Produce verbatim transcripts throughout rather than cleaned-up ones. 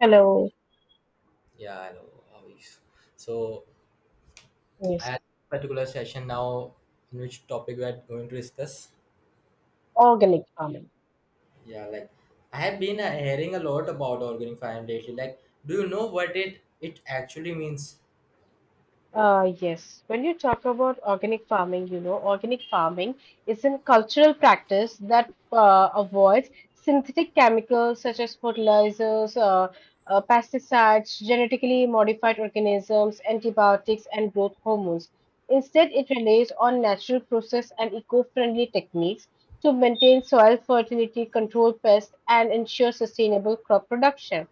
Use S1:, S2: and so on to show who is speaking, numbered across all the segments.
S1: Hello.
S2: Yeah, I know how it is. So I
S1: Yes,
S2: had a particular session now in which topic we are going to discuss.
S1: organic farming.
S2: Yeah, like I have been uh, hearing a lot about organic farming lately. Like, do you know what it it actually means?
S1: Uh, yes, when you talk about organic farming, you know, organic farming is a cultural practice that uh, avoids synthetic chemicals such as fertilizers, uh, uh, pesticides, genetically modified organisms, antibiotics, and growth hormones. Instead, it relies on natural process and eco-friendly techniques to maintain soil fertility, control pests, and ensure sustainable crop production.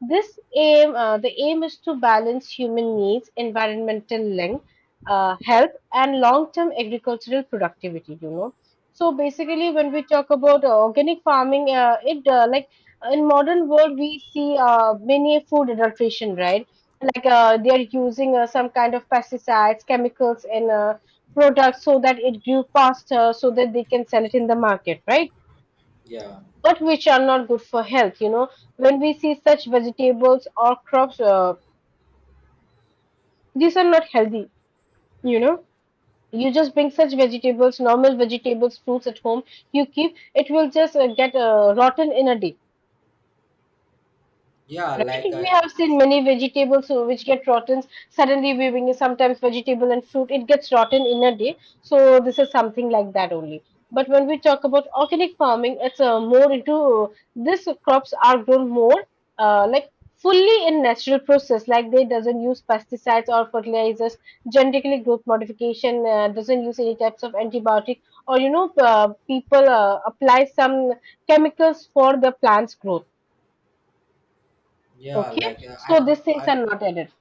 S1: This aim, uh, the aim is to balance human needs, environmental link, uh, health, and long-term agricultural productivity. You know, so basically, when we talk about uh, organic farming, uh, it uh, like in modern world we see uh, many food adulteration, right? Like uh, they are using uh, some kind of pesticides, chemicals in uh, products so that it grew faster, so that they can sell it in the market, right?
S2: Yeah,
S1: But which are not good for health, you know, when we see such vegetables or crops, uh, these are not healthy. You know, you just bring such vegetables, normal vegetables, fruits at home, you keep it, will just uh, get uh, rotten in a day.
S2: yeah,
S1: Right?
S2: like
S1: We
S2: uh,
S1: have seen many vegetables uh, which get rotten. Suddenly, we bring sometimes vegetable and fruit, it gets rotten in a day. So this is something like that only. But when we talk about organic farming, it's uh, more into this crops are grown more, uh, like fully in natural process. Like they doesn't use pesticides or fertilizers, genetically growth modification, uh, doesn't use any types of antibiotic, or, you know, uh, people uh, apply some chemicals for the plants growth.
S2: yeah,
S1: Okay,
S2: like uh, I
S1: so
S2: uh,
S1: these things
S2: I
S1: are not added.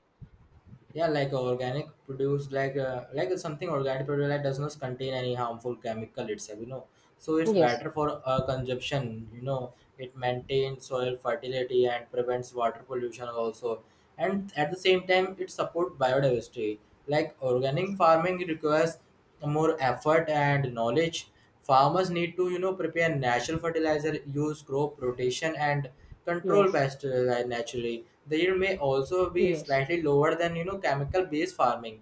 S2: yeah, like uh, organic produce, like uh, like something organic produce that does not contain any harmful chemical itself. You know, so it's
S1: Yes,
S2: better for uh, consumption. You know, it maintains soil fertility and prevents water pollution also, and at the same time it supports biodiversity. Like organic farming requires more effort and knowledge. Farmers need to, you know, prepare natural fertilizer, use crop rotation and control
S1: yes,
S2: pests uh, naturally. The yield may also be
S1: yes,
S2: slightly lower than, you know, chemical based farming.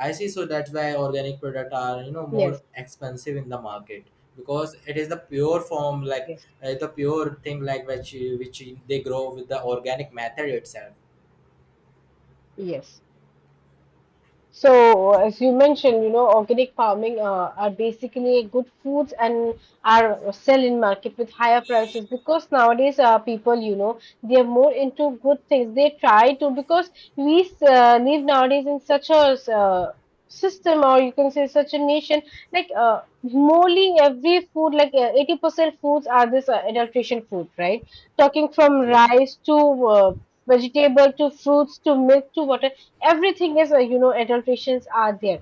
S2: I see. So that's why organic product are, you know,
S1: yes,
S2: more expensive in the market, because it is the pure form, like
S1: yes,
S2: uh, the pure thing, like which which they grow with the organic method itself.
S1: yes. So, as you mentioned, you know, organic farming uh, are basically good foods and are sell in market with higher prices, because nowadays uh, people, you know, they are more into good things. They try to, because we uh, live nowadays in such a uh, system, or you can say such a nation, like uh, morely every food, like uh, eighty percent foods are this uh, adulteration food, right? Talking from
S2: Yeah,
S1: rice to uh, vegetable to fruits to milk to water, everything is uh, you know adulterations are there,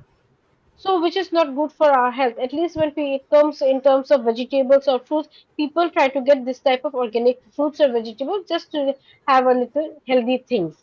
S1: so which is not good for our health. At least when we- it comes in terms of vegetables or fruits, people try to get this type of organic fruits or vegetables just to have a little healthy things,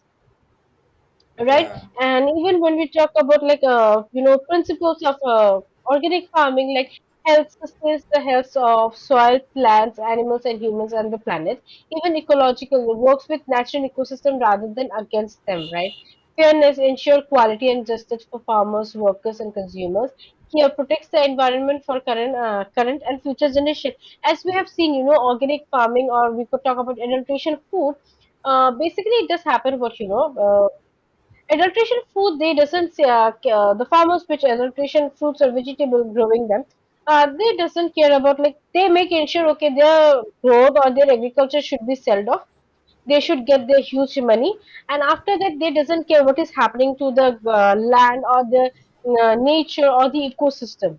S1: right?
S2: yeah,
S1: And even when we talk about, like, uh, you know, principles of uh, organic farming, like health sustains the health of soil, plants, animals, and humans, and the planet. Even ecological, it works with natural ecosystem rather than against them, right? Fairness ensure quality and justice for farmers, workers, and consumers. Here protects the environment for current uh, current and future generation. As we have seen, you know, organic farming, or we could talk about adaptation of food, uh, basically it does happen what, you know, uh, adulteration food, they doesn't uh, ca- uh, the farmers which adulteration fruits or vegetable growing them, uh, they doesn't care about, like they make ensure okay their growth or their agriculture should be sold off. They should
S2: yeah,
S1: get their huge money, and after that they doesn't care what is happening to the uh, land or the uh, nature or the ecosystem.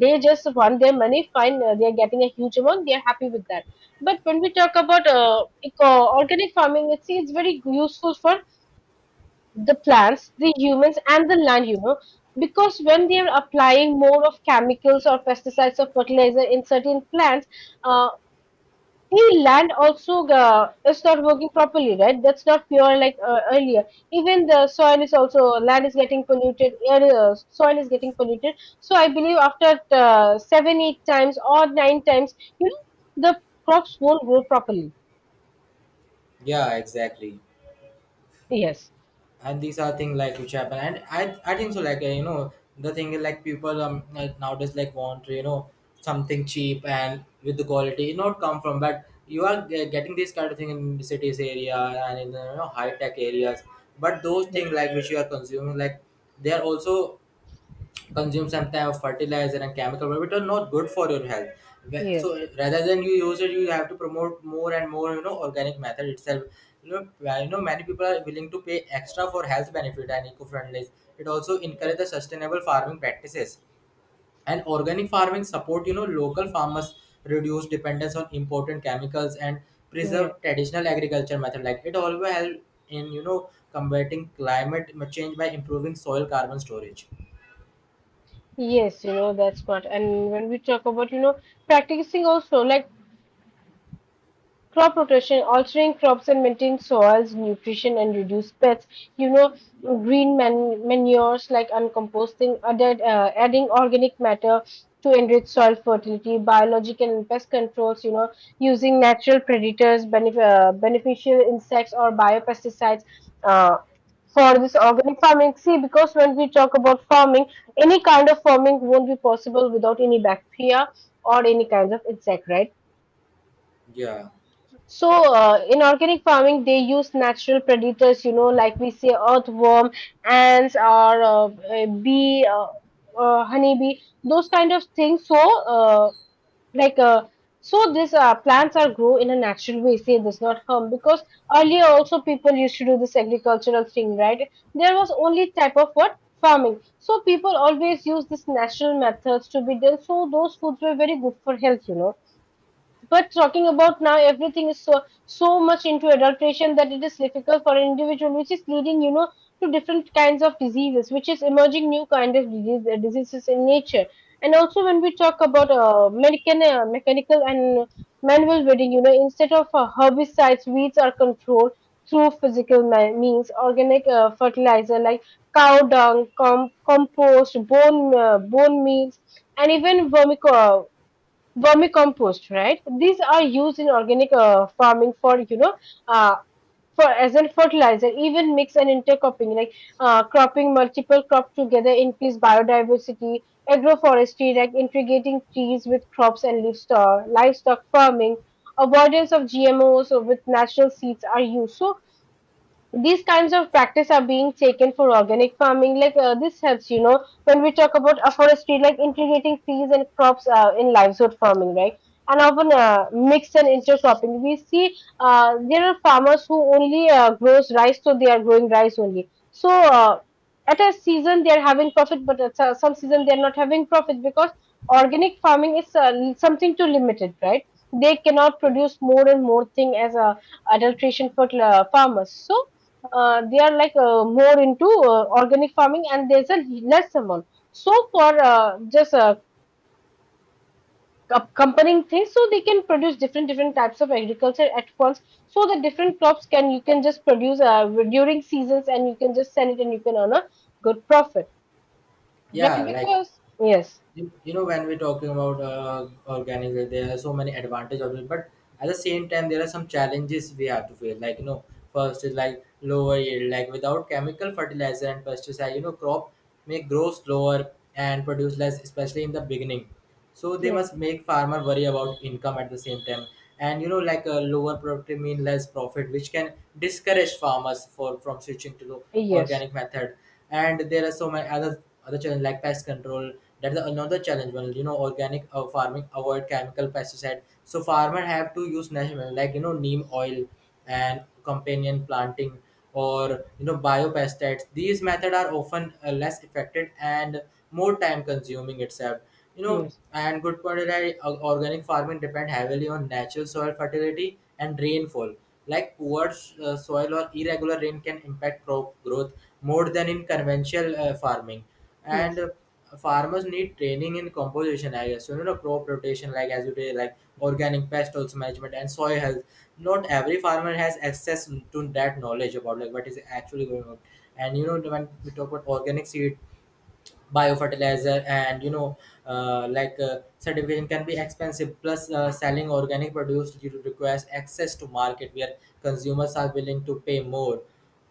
S1: They just want their money. Fine, uh, they are getting a huge amount. They are happy with that. But when we talk about uh, eco- organic farming, it's it's very useful for the plants, the humans, and the land, you know, because when they are applying more of chemicals or pesticides or fertilizer in certain plants, uh, the land also uh, is not working properly, right? That's not pure like uh, earlier. Even the soil is also land is getting polluted, air, uh, soil is getting polluted. So I believe after uh, seven, eight times or nine times, you know, the crops won't grow properly.
S2: yeah. Exactly.
S1: Yes,
S2: And these are things like which happen, and i i think so. Like, uh, you know, the thing is like people um uh, nowadays like want, you know, something cheap and with the quality not come from, but you are ge- getting this kind of thing in the cities area and in the, you know, high tech areas. But those
S1: yes,
S2: things like which you are consuming, like they are also consume some type of fertilizer and chemical which are not good for your health. Wh- so
S1: yes,
S2: rather than you use it, you have to promote more and more, you know, organic method itself. You know, uh, you know, many people are willing to pay extra for health benefit and eco-friendly. It also encourage
S1: yes.
S2: the sustainable farming practices, and organic farming support, you know, local farmers, reduce dependence on imported chemicals and preserve
S1: Yes.
S2: traditional agriculture method. Like it always help in, you know, combating climate change by improving soil carbon storage.
S1: Yes, you know, that's what. And when we talk about, you know, practicing also, like crop rotation, altering crops and maintaining soils, nutrition and reduce pests. You know, green man- manures like uncomposting, added, uh, adding organic matter to enrich soil fertility, biological and pest controls. You know, using natural predators, benef- uh, beneficial insects or biopesticides. Uh, for this organic farming, see, because when we talk about farming, any kind of farming won't be possible without any bacteria or any kinds of insect, right?
S2: Yeah,
S1: So, uh, in organic farming, they use natural predators, you know, like we say earthworm, ants, or uh, uh, bee, uh, uh, honeybee, those kind of things. So, uh, like, uh, so these uh, plants are grow in a natural way. Say this, not harm, because earlier also people used to do this agricultural thing, right? There was only type of what farming. So people always use this natural methods to be done. So those foods were very good for health, you know. But talking about now, everything is so so much into adulteration that it is difficult for an individual, which is leading, you know, to different kinds of diseases, which is emerging new kind of disease, uh, diseases in nature. And also, when we talk about uh, mechanical, uh, mechanical and manual weeding, you know, instead of uh, herbicides, weeds are controlled through physical me- means, organic uh, fertilizer like cow dung, com- compost, bone uh, bone meals, and even vermico vermicompost, right? These are used in organic uh, farming for, you know, uh, for as a fertilizer, even mix and intercropping, like uh, cropping multiple crops together, increase biodiversity, agroforestry, like integrating trees with crops and livestock, livestock farming, avoidance of G M Os with natural seeds are used. So these kinds of practice are being taken for organic farming, like uh, this helps, you know, when we talk about afforestry like integrating trees and crops uh, in livelihood farming, right? And often uh, mixed and intercropping, we see uh, there are farmers who only uh, grows rice, so they are growing rice only, so uh, at a season they are having profit, but at uh, some season they are not having profit, because organic farming is uh, something too limited, right? They cannot
S2: yeah.
S1: produce more and more thing as a adulteration for uh, farmers. So uh, they are like uh, more into uh, organic farming and there's a less amount. So for uh, just uh, com- comparing things, so they can produce different different types of agriculture at once. So the different crops can you can just produce uh, during seasons and you can just sell it and you can earn a good profit,
S2: Yeah,
S1: right?
S2: like,
S1: Because yes,
S2: you you know, when we're talking about uh, organic, like, there are so many advantages of it, but at the same time there are some challenges we have to face. Like, you know, first is like lower yield. Like without chemical fertilizer and pesticide, you know, crop may grow slower and produce less, especially in the beginning. So they
S1: yes,
S2: must make farmer worry about income at the same time. And, you know, like a lower productivity mean less profit, which can discourage farmers for from switching to the
S1: yes,
S2: organic method. And there are so many other other challenge, like pest control. That's another challenge. Well, you know, organic uh, farming avoid chemical pesticide, so farmer have to use natural, like, you know, neem oil and companion planting, or, you know, biopesticides. These methods are often uh, less effective and more time consuming itself, you know.
S1: yes,
S2: And good point is that uh, organic farming depend heavily on natural soil fertility and rainfall. Like poor uh, soil or irregular rain can impact crop growth more than in conventional uh, farming. And
S1: yes,
S2: uh, farmers need training in composition, I guess. So, you know, crop rotation, like as you did, like organic pest also management and soil health. Not every farmer has access to that knowledge about, like, what is actually going on. And, you know, when we talk about organic seed, biofertilizer and, you know, uh, like uh, certification can be expensive. Plus uh, selling organic produce you requires access to market where consumers are willing to pay more.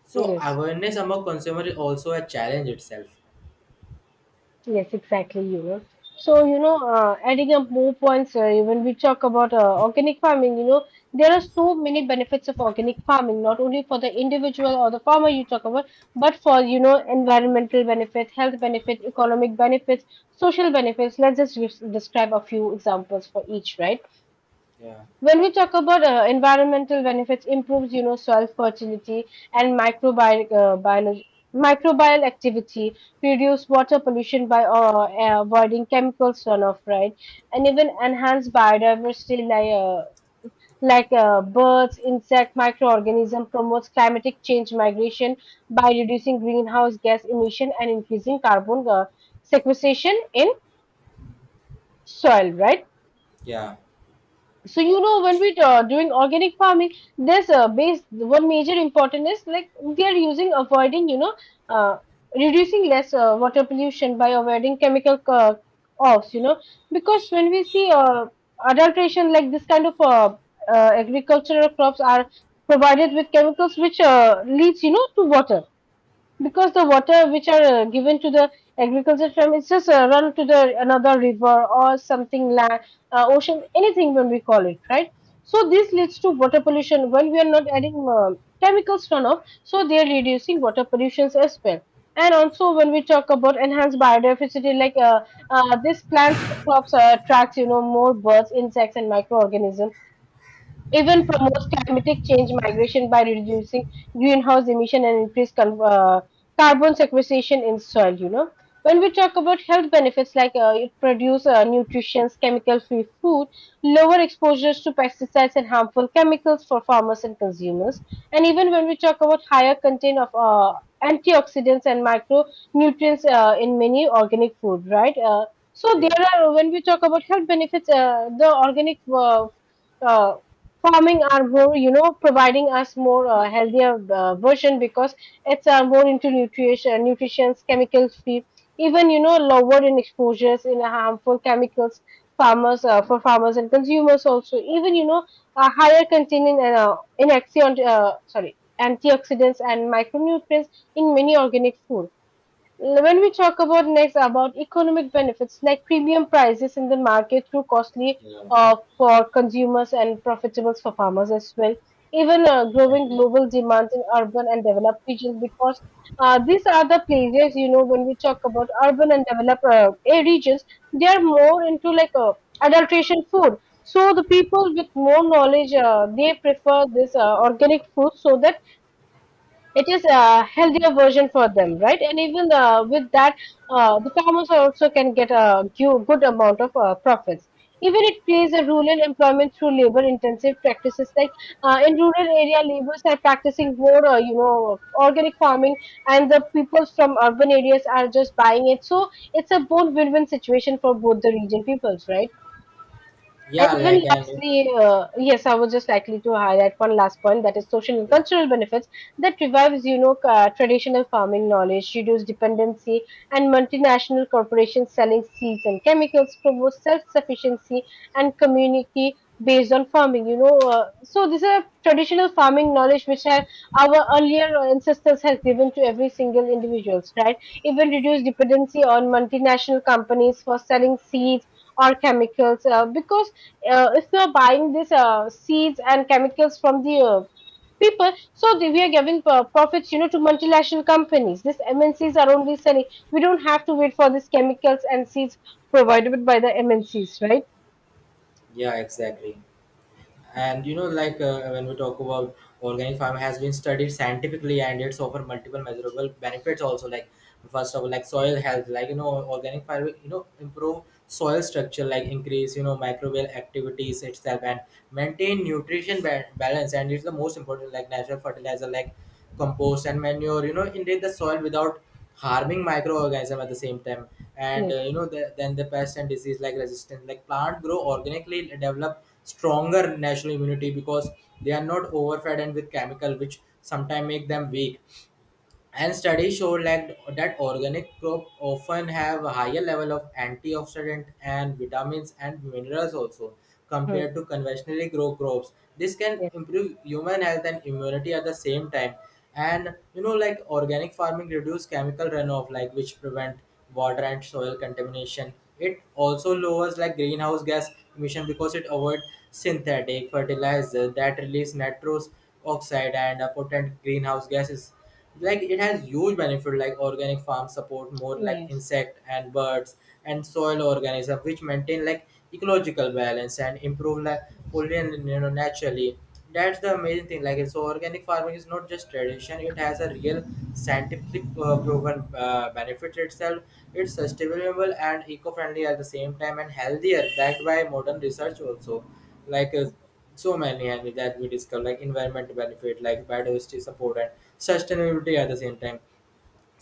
S2: So
S1: yes.
S2: awareness among consumer is also a challenge itself.
S1: Yes, exactly, you know. So, you know, uh, adding up more points, uh, when we talk about uh, organic farming, you know, there are so many benefits of organic farming, not only for the individual or the farmer you talk about, but for, you know, environmental benefits, health benefits, economic benefits, social benefits. Let's just res- describe a few examples for each, right?
S2: Yeah,
S1: When we talk about uh, environmental benefits, improves, you know, soil fertility and microbial uh, biolo- microbial activity, reduce water pollution by uh, uh, avoiding chemical runoff, right, and even enhance biodiversity, like. Uh, like uh, birds, insect, microorganism promotes climatic change migration by reducing greenhouse gas emission and increasing carbon uh, sequestration in soil, right?
S2: yeah,
S1: So, you know, when we uh, doing organic farming, there's a base. One major important is like we are using avoiding, you know, uh, reducing less uh, water pollution by avoiding chemical uh, offs, you know, because when we see uh, adulteration, like this kind of uh, uh, agricultural crops are provided with chemicals which uh, leads, you know, to water, because the water which are uh, given to the agriculture farm is just uh, run to the another river or something land, uh, ocean, anything when we call it, right? So this leads to water pollution when we are not adding uh, chemicals turn off, so they are reducing water pollutions as well. And also when we talk about enhanced biodiversity, like uh, uh, these plants or crops uh, attracts, you know, more birds, insects, and microorganisms, even promotes climatic change migration by reducing greenhouse emission and increase con- uh, carbon sequestration in soil, you know. When we talk about health benefits, like uh, it produce uh, nutritious, chemical free food, lower exposures to pesticides and harmful chemicals for farmers and consumers, and even when we talk about higher content of uh, antioxidants and micronutrients uh, in many organic food, right? Uh, so
S2: yeah.
S1: there are, when we talk about health benefits, uh, the organic uh, uh, farming are more, you know, providing us more uh, healthier uh, version, because it's uh, more into nutrition, nutritions, chemicals free, even, you know, lower in exposures in harmful chemicals, farmers, uh, for farmers and consumers also, even, you know, a higher containing uh, in axion uh, sorry antioxidants and micronutrients in many organic food. When we talk about next about economic benefits, like premium prices in the market through costly
S2: Yeah,
S1: uh, for consumers and profitable for farmers as well. Even uh, growing
S2: exactly.
S1: global demands in urban and developed regions. Because uh, these are the places, you know, when we talk about urban and developed uh, eh, regions, they are more into like uh, adulteration food. So the people with more knowledge, uh, they prefer this uh, organic food, so that it is a healthier version for them, right? And even uh, with that, uh, the farmers also can get a gu- good amount of uh, profits. Even it creates a rural employment through labor intensive practices like uh, in rural area laborers are practicing more, uh, you know organic farming, and the people from urban areas are just buying it. So it's a both win-win situation for both the region peoples, right? And
S2: Yeah,
S1: even
S2: like. And
S1: lastly, uh, yes, I was just likely to highlight one last point, that is social and
S2: yeah,
S1: cultural benefits that revives, you know, uh, traditional farming knowledge, reduce dependency, and multinational corporations selling seeds and chemicals, promote self-sufficiency and community based on farming. You know, uh, so these are traditional farming knowledge which have our earlier ancestors has given to every single individuals, right? Even reduce dependency on multinational companies for selling seeds or chemicals, uh, because uh, if we are buying these uh, seeds and chemicals from the uh, people, so the, we are giving uh, profits, you know, to multinational companies. These M N Cs are only selling. We don't have to wait for these chemicals and seeds provided by the M N Cs, right?
S2: yeah, exactly. And, you know, like uh, when we talk about organic farming has been studied scientifically, and it's offer multiple measurable benefits also. Like first of all, like soil health, like, you know, organic farming, you know, improve soil structure, like increase, you know, microbial activities itself and maintain nutrition ba- balance. And it's the most important, like natural fertilizer like compost and manure, you know, invade the soil without harming microorganism at the same time. And uh,
S1: Yes.
S2: you know the, then the pest and disease like resistance, like plant grow organically and develop stronger natural immunity, because they are not overfed and with chemical which sometimes make them weak. And studies show like that organic crop often have a higher level of antioxidant and vitamins and minerals also
S1: Mm.
S2: compared to conventionally grow crops. This can
S1: Yes.
S2: improve human health and immunity at the same time. And, you know, like organic farming reduce chemical runoff, like which prevent water and soil contamination. It also
S1: Mm.
S2: lowers like greenhouse gas emission, because it avoid synthetic fertilizer that release nitrous oxide and a potent greenhouse gases. Like it has huge benefit, like organic farms support more like
S1: Yes.
S2: insect and birds and soil organism which maintain like ecological balance and improve like pollination, you know, naturally. That's the amazing thing, like. So organic farming is not just tradition, it has a real scientific uh, proven uh, benefit itself. It's sustainable and eco-friendly at the same time, and healthier, backed by modern research also. Like uh, so many, and that we discuss like environmental benefit, like biodiversity support and sustainability at the same time.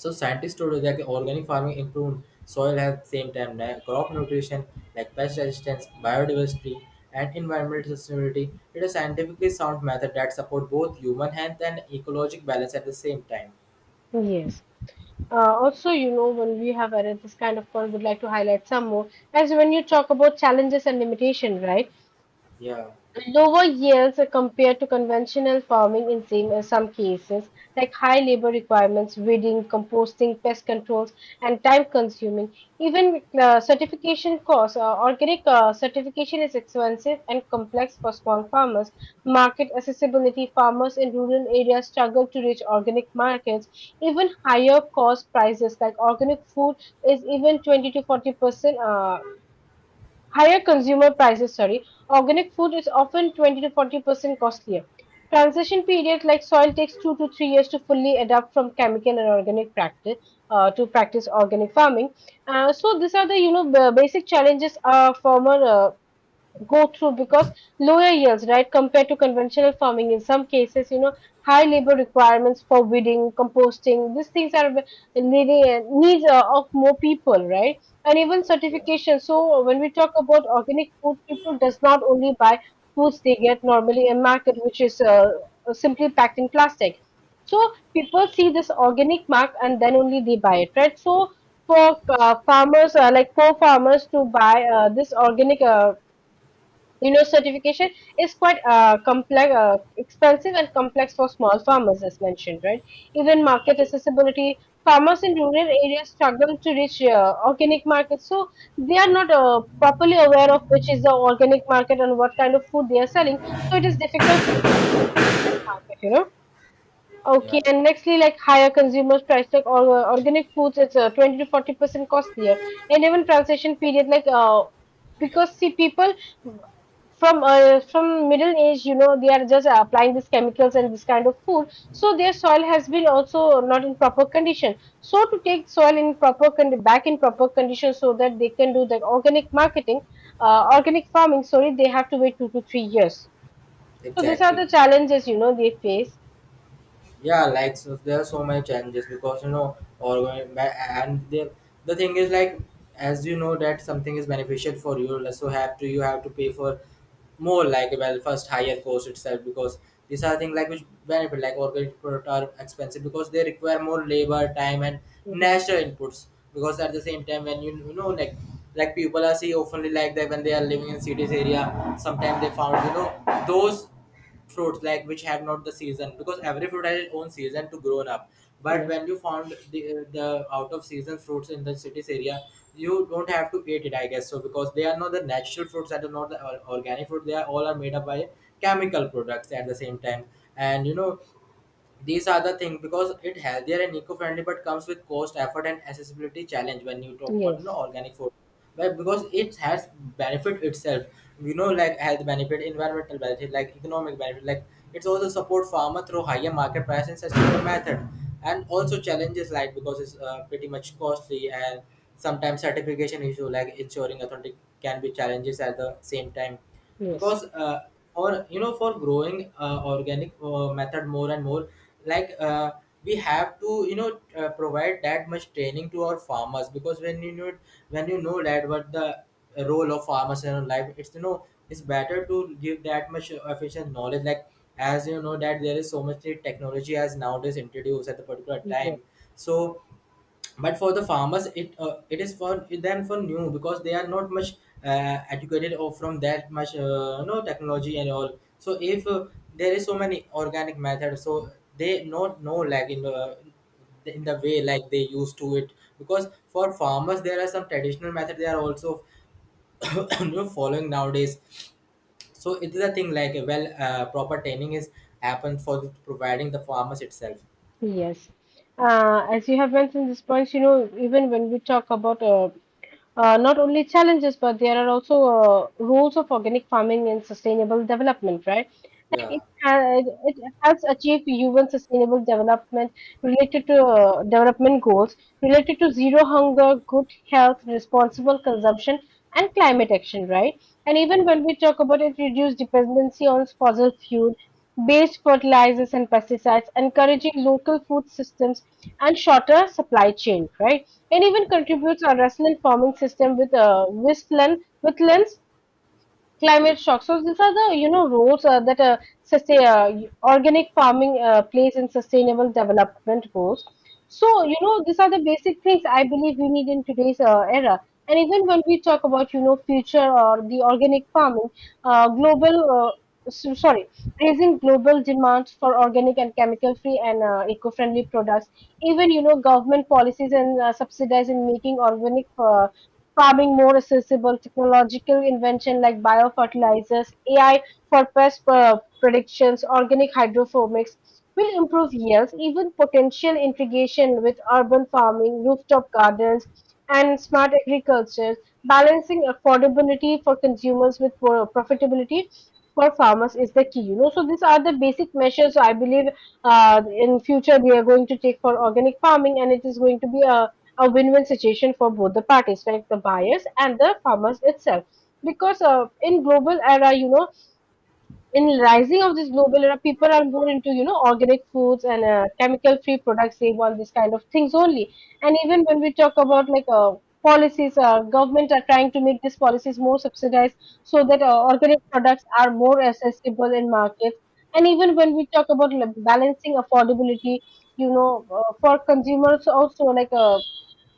S2: So scientists told that organic farming improved soil health, same time like crop nutrition, like pest resistance, biodiversity and environmental sustainability. It is a scientifically sound method that support both human health and ecologic balance at the same time.
S1: Yes. Uh, also, you know, when we have arranged this kind of call, would like to highlight some more. As when you talk about challenges and limitation, right?
S2: Yeah,
S1: Lower yields are compared to conventional farming in same- uh, some cases, like high labor requirements, weeding, composting, pest controls, and time-consuming. Even uh, certification costs. Uh, organic uh, certification is expensive and complex for small farmers. Market accessibility. Farmers in rural areas struggle to reach organic markets. Even higher cost prices, like organic food, is even twenty to forty percent uh, higher consumer prices, sorry, organic food is often twenty to forty percent costlier. Transition periods, like soil takes two to three years to fully adapt from chemical and organic practice uh, to practice organic farming. Uh, so these are the, you know, the basic challenges uh, farmer uh, go through. Because lower yields, right, compared to conventional farming. In some cases, you know, high labor requirements for weeding, composting. These things are ve- needing needs uh, of more people, right? And even
S2: yeah,
S1: certification. So when we talk about organic food, people does not only buy foods they get normally in market, which is uh, simply packed in plastic. So people see this organic mark and then only they buy it, right? So for uh, farmers, uh, like poor farmers, to buy uh, this organic. Uh, you know, certification is quite uh, complex, uh, expensive and complex for small farmers, as mentioned, right? Even market accessibility, farmers in rural areas struggle to reach uh, organic markets, so they are not uh, properly aware of which is the organic market and what kind of food they are selling. So it is difficult for them to reach that market, you know. Okay,
S2: yeah,
S1: and nextly, like higher consumers price tag or uh, organic foods, it's uh, twenty to forty percent costlier, and even transition period, like uh, because see people from uh, from middle age, you know, they are just applying these chemicals and this kind of food, so their soil has been also not in proper condition. So to take soil in proper condi back in proper condition, so that they can do the organic marketing, uh, organic farming, sorry, they have to wait two to three years. So these are
S2: exactly.
S1: the challenges, you know, they face.
S2: Yeah, like, so there are so many challenges because, you know, or and the the thing is like, as you know that something is beneficial for you, like, so have to you have to pay for more, like, well, first higher cost itself, because these are things like which benefit like organic products are expensive because they require more labor time and
S1: Mm-hmm.
S2: natural inputs. Because at the same time, when you, you know like like people are see oftenly like that when they are living in cities area, sometimes they found, you know, those fruits like which have not the season, because every fruit has its own season to grown up. But when you found the the out of season fruits in the cities area, you don't have to eat it, I guess so, because they are not the natural fruits, that are not the or- organic fruit, they are all are made up by chemical products at the same time. And, you know, these are the things, because it healthier and eco-friendly, but comes with cost, effort, and accessibility challenge. When you talk about, you know,
S1: Yes,
S2: organic food, but because it has benefit itself, you know, like health benefit, environmental benefit, like economic benefit, like it's also support farmer through higher market price and sustainable method, and also challenges like, because it's uh, pretty much costly, and sometimes certification issue, like ensuring authentic can be challenges at the same time.
S1: yes,
S2: Because uh, or, you know, for growing uh, organic uh, method more and more, like uh, we have to, you know, uh, provide that much training to our farmers, because when you know, when you know that what the role of farmers in our life, it's, you know, it's better to give that much efficient knowledge. Like, as you know that there is so much technology as nowadays introduced at the particular
S1: yes,
S2: time. So, but for the farmers it uh, it is for then for new, because they are not much uh, educated or from that much uh, no technology and all. So if uh, there is so many organic methods, so they not know like in the in the way like they used to it. Because for farmers there are some traditional method they are also you know, following nowadays. So it is a thing like uh, well, uh, proper training is happened for providing the farmers itself.
S1: yes. Uh, as you have mentioned these points, you know, even when we talk about, uh, uh, not only challenges, but there are also uh, roles of organic farming and sustainable development, right? Like it,
S2: Yeah,
S1: ha- it helps achieve human sustainable development related to uh, development goals related to zero hunger, good health, responsible consumption, and climate action, right? And even when we talk about it, reduce dependency on fossil fuels based fertilizers and pesticides, encouraging local food systems and shorter supply chain, right? And even
S2: yeah,
S1: contributes our resilient farming system with uh, wetland, wetlands climate shock. So these are the, you know, roles uh, that uh, sustain, uh, organic farming uh, plays in sustainable development goals. So you know these are the basic things I believe we need in today's uh, era. And even when we talk about, you know, future or the organic farming, uh, global uh, so- sorry, raising global demands for organic and chemical free and uh, eco friendly products. Even you know government policies and uh, subsidizing making organic. Uh, farming more accessible, technological invention like biofertilizers, A I for pest uh, predictions, organic hydroponics will improve yields, even potential integration with urban farming, rooftop gardens, and smart agriculture, balancing affordability for consumers with pro- profitability for farmers is the key. You know, so these are the basic measures I believe uh, in future we are going to take for organic farming, and it is going to be a a win-win situation for both the parties, like the buyers and the farmers itself. Because uh, in global era, you know, in rising of this global era, people are more into, you know, organic foods and uh, chemical-free products. They want this kind of things only. And even when we talk about like uh, policies, uh, government are trying to make these policies more subsidized so that uh, organic products are more accessible in markets. And even when we talk about like, balancing affordability, you know, uh, for consumers also like uh,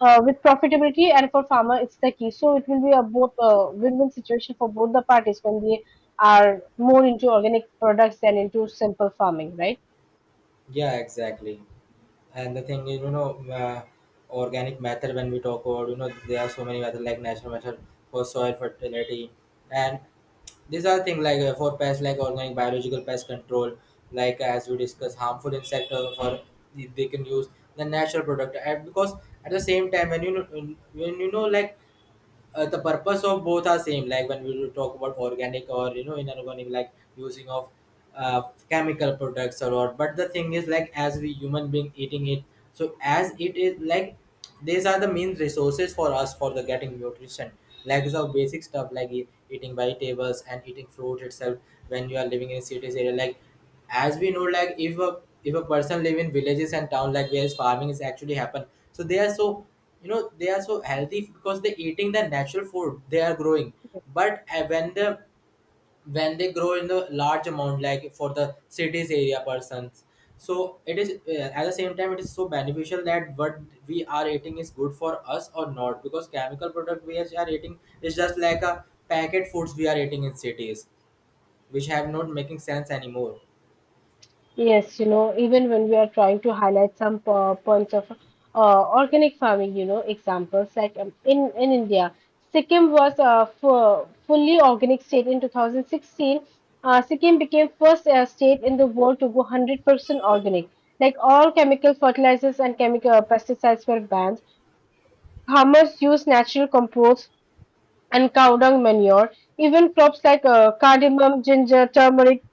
S1: uh, with profitability and for farmer it's the key, so it will be a both uh, win-win situation for both the parties when they are more into organic products than into simple farming, right?
S2: yeah, exactly. And the thing is, you know, uh, organic method when we talk about, you know, there are so many methods, like natural method for soil fertility, and these are things like uh, for pests like organic biological pest control, like as we discuss harmful insect uh, for they they can use the natural product. And because at the same time when you know, when you know like uh, the purpose of both are same, like when we will talk about organic or, you know, inorganic, like using of uh, chemical products or what, but the thing is like as we human being eating it, so as it is like, these are the main resources for us for the getting nutrition, like the basic stuff like e- eating vegetables and eating fruit itself. When you are living in cities area, like, as we know, like if a, if a person live in villages and town, like where farming is actually happen, so they are so, you know, they are so healthy because they're eating the natural food they are growing. But uh, when the, when they grow in the large amount, like for the cities area persons, so it is uh, at the same time it is so beneficial that what we are eating is good for us or not, because chemical product we are eating is just like a packet foods we are eating in cities, which have not making sense anymore.
S1: Yes, you know, even when we are trying to highlight some po- points of uh, organic farming, you know, examples like um, in in India, Sikkim was a fu- fully organic state in two thousand sixteen. Uh, Sikkim became first uh, state in the world to go one hundred percent organic. Like all chemical fertilizers and chemical pesticides were banned. Farmers used natural compost and cow dung manure. Even crops like uh, cardamom, ginger, turmeric,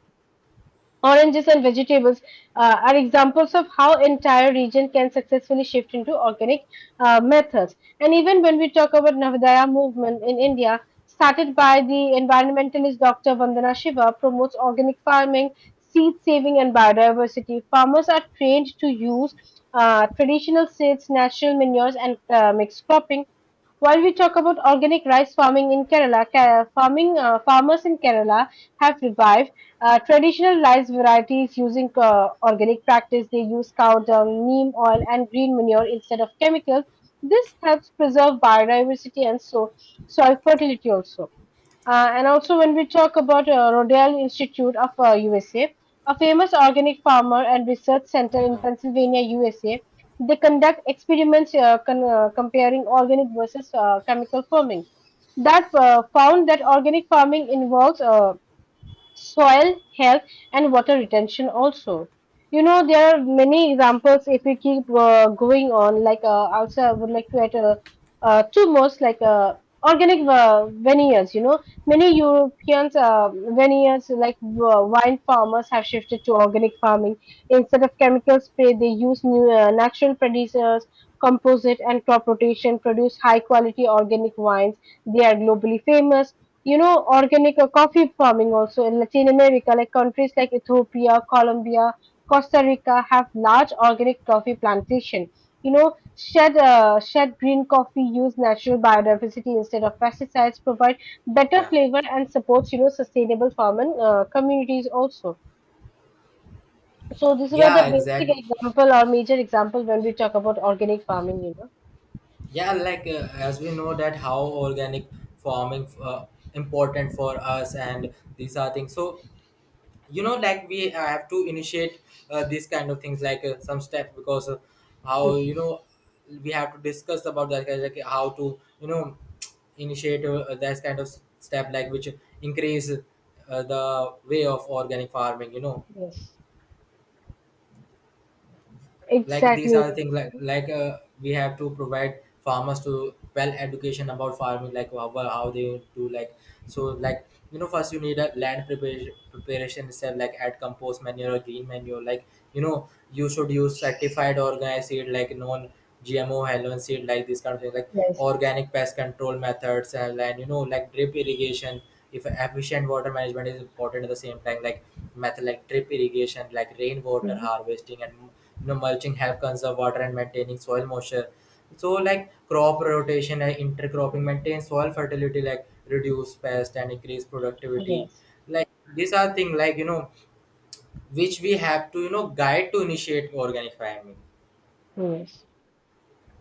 S1: oranges, and vegetables uh, are examples of how entire region can successfully shift into organic uh, methods. And even when we talk about Navadaya movement in India, started by the environmentalist Doctor Vandana Shiva, promotes organic farming, seed saving, and biodiversity. Farmers are trained to use uh, traditional seeds, natural manures, and uh, mixed cropping, while we talk about organic rice farming in Kerala. Ke- farming uh, Farmers in Kerala have revived uh, traditional rice varieties using uh, organic practice. They use cow dung, neem oil, and green manure instead of chemicals. This helps preserve biodiversity and so soil fertility also. Uh, and also, when we talk about uh, Rodale Institute of uh, U S A, a a famous organic farmer and research center in
S2: Yeah,
S1: Pennsylvania, U S A, they conduct experiments uh, con- uh, comparing organic versus uh, chemical farming. That uh, found that organic farming involves uh, soil health and water retention also. You know, there are many examples if we keep uh, going on. Like uh, also I would like to add uh, uh, two more, like uh, organic uh, vineyards, you know, many Europeans uh, vineyards, like uh, wine farmers have shifted to organic farming. Instead of chemical spray, they use new uh, natural producers, composite and crop rotation, produce high quality organic wines. They are globally famous. You know, organic or coffee farming also in Latin America, like countries like Ethiopia, Colombia, Costa Rica have large organic coffee plantation. You know, shed uh, shed green coffee, use natural biodiversity instead of pesticides, provide better
S2: yeah,
S1: flavor and supports, you know, sustainable farming uh, communities also. So these were
S2: yeah,
S1: the
S2: exactly.
S1: basic example or major example when we talk about organic farming, you know.
S2: Yeah, like uh, as we know that how organic farming uh, important for us, and these are things. So, you know, like we uh, have to initiate uh, these kind of things, like uh, some steps, because uh, how,
S1: Yes,
S2: you know, we have to discuss about that kind of, like how to, you know, initiate uh, that kind of step, like which increase uh, the way of organic farming, you know.
S1: yes.
S2: Like, these are the
S1: Exactly,
S2: things like like uh, we have to provide farmers to well education about farming, like how, well, how they do, like, so, like, you know, first you need a land preparation preparation itself, like add compost manure or green manure. Like, you know, you should use certified organic seed like non gmo halogen seed, like this kind of thing. Like
S1: yes,
S2: organic pest control methods, and, and you know, like drip irrigation if efficient water management is important at the same time, like method like drip irrigation, like rainwater
S1: hmm,
S2: harvesting and, you know, mulching help conserve water and maintaining soil moisture. So like crop rotation and intercropping maintain soil fertility, like reduce pest and increase productivity.
S1: yes,
S2: Like these are things, like, you know, which we have to, you know, guide to initiate organic farming.
S1: yes.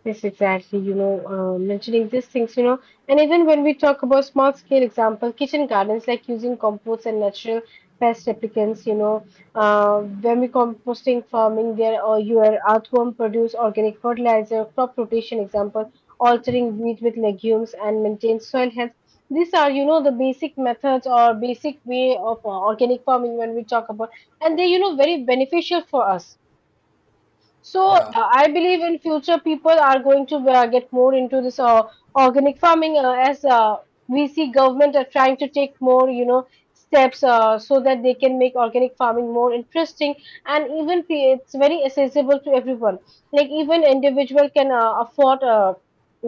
S1: Yes, exactly. You know, uh, mentioning these things, you know, and even when we talk about small scale example, kitchen gardens like using compost and natural pest replicants, you know, uh, when we composting farming there or your earthworm produce organic fertilizer, crop rotation example, altering wheat with legumes and maintain soil health. These are, you know, the basic methods or basic way of uh, organic farming when we talk about, and they're, you know, very beneficial for us. So uh,
S2: Yeah,
S1: I believe in future people are going to uh, get more into this uh, organic farming uh, as uh, we see government are trying to take more, you know, steps uh, so that they can make organic farming more interesting and even p- it's very accessible to everyone. Like even individual can uh, afford uh,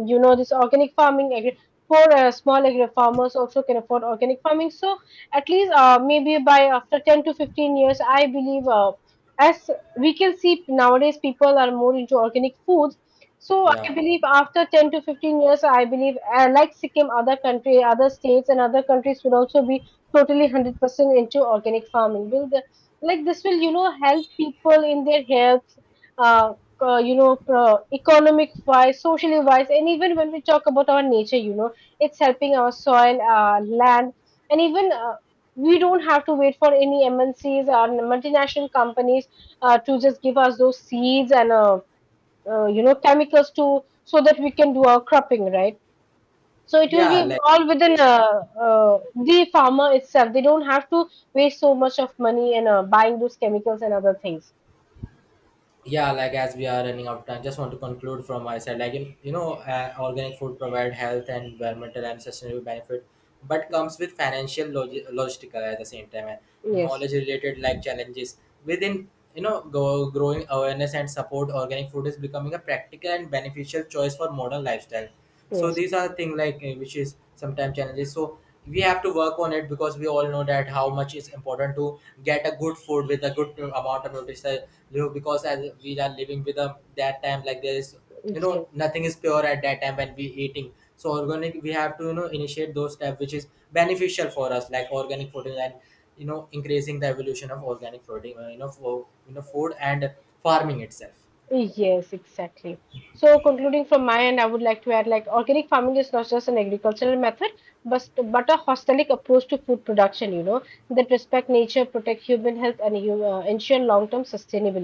S1: you know this organic farming. Agri- Poor uh, small agri farmers also can afford organic farming. So at least uh, maybe by after ten to fifteen years, I believe. Uh, as we can see nowadays people are more into organic foods. So I
S2: yeah,
S1: believe after ten to fifteen years, I believe uh, like Sikkim, other country, other states and other countries will also be totally one hundred percent into organic farming. Will the, like this will, you know, help people in their health, uh, uh, you know, pro- economic wise, socially wise, and even when we talk about our nature, you know, it's helping our soil, uh, land, and even uh, we don't have to wait for any M N Cs or multinational companies uh, to just give us those seeds and uh, uh, you know chemicals to, so that we can do our cropping, right? So it will
S2: yeah,
S1: be
S2: like
S1: all within uh, uh, the farmer itself. They don't have to waste so much of money and uh, buying those chemicals and other things.
S2: yeah, like as we are running out of time, just want to conclude from my side, like in, you know, uh, organic food provide health and environmental and sustainable benefit, but comes with financial log- logistical at the same time, and
S1: Yes,
S2: knowledge related like challenges. Within, you know, go, growing awareness and support, organic food is becoming a practical and beneficial choice for modern lifestyle. So
S1: yes,
S2: these are the thing like uh, which is sometimes challenges, so we have to work on it, because we all know that how much is important to get a good food with a good uh, amount of nutrition. You know, because as we are living with a that time, like there is, you know, nothing is pure at that time when we eating. So organic, we have to, you know, initiate those steps which is beneficial for us, like organic protein and, you know, increasing the evolution of organic protein, uh, you know, for, you know, food and farming itself.
S1: yes, yes, exactly. So concluding from my end, I would like to add, like, organic farming is not just an agricultural method, but but a holistic approach to food production, you know, that respect nature, protect human health, and you uh, ensure long term sustainability.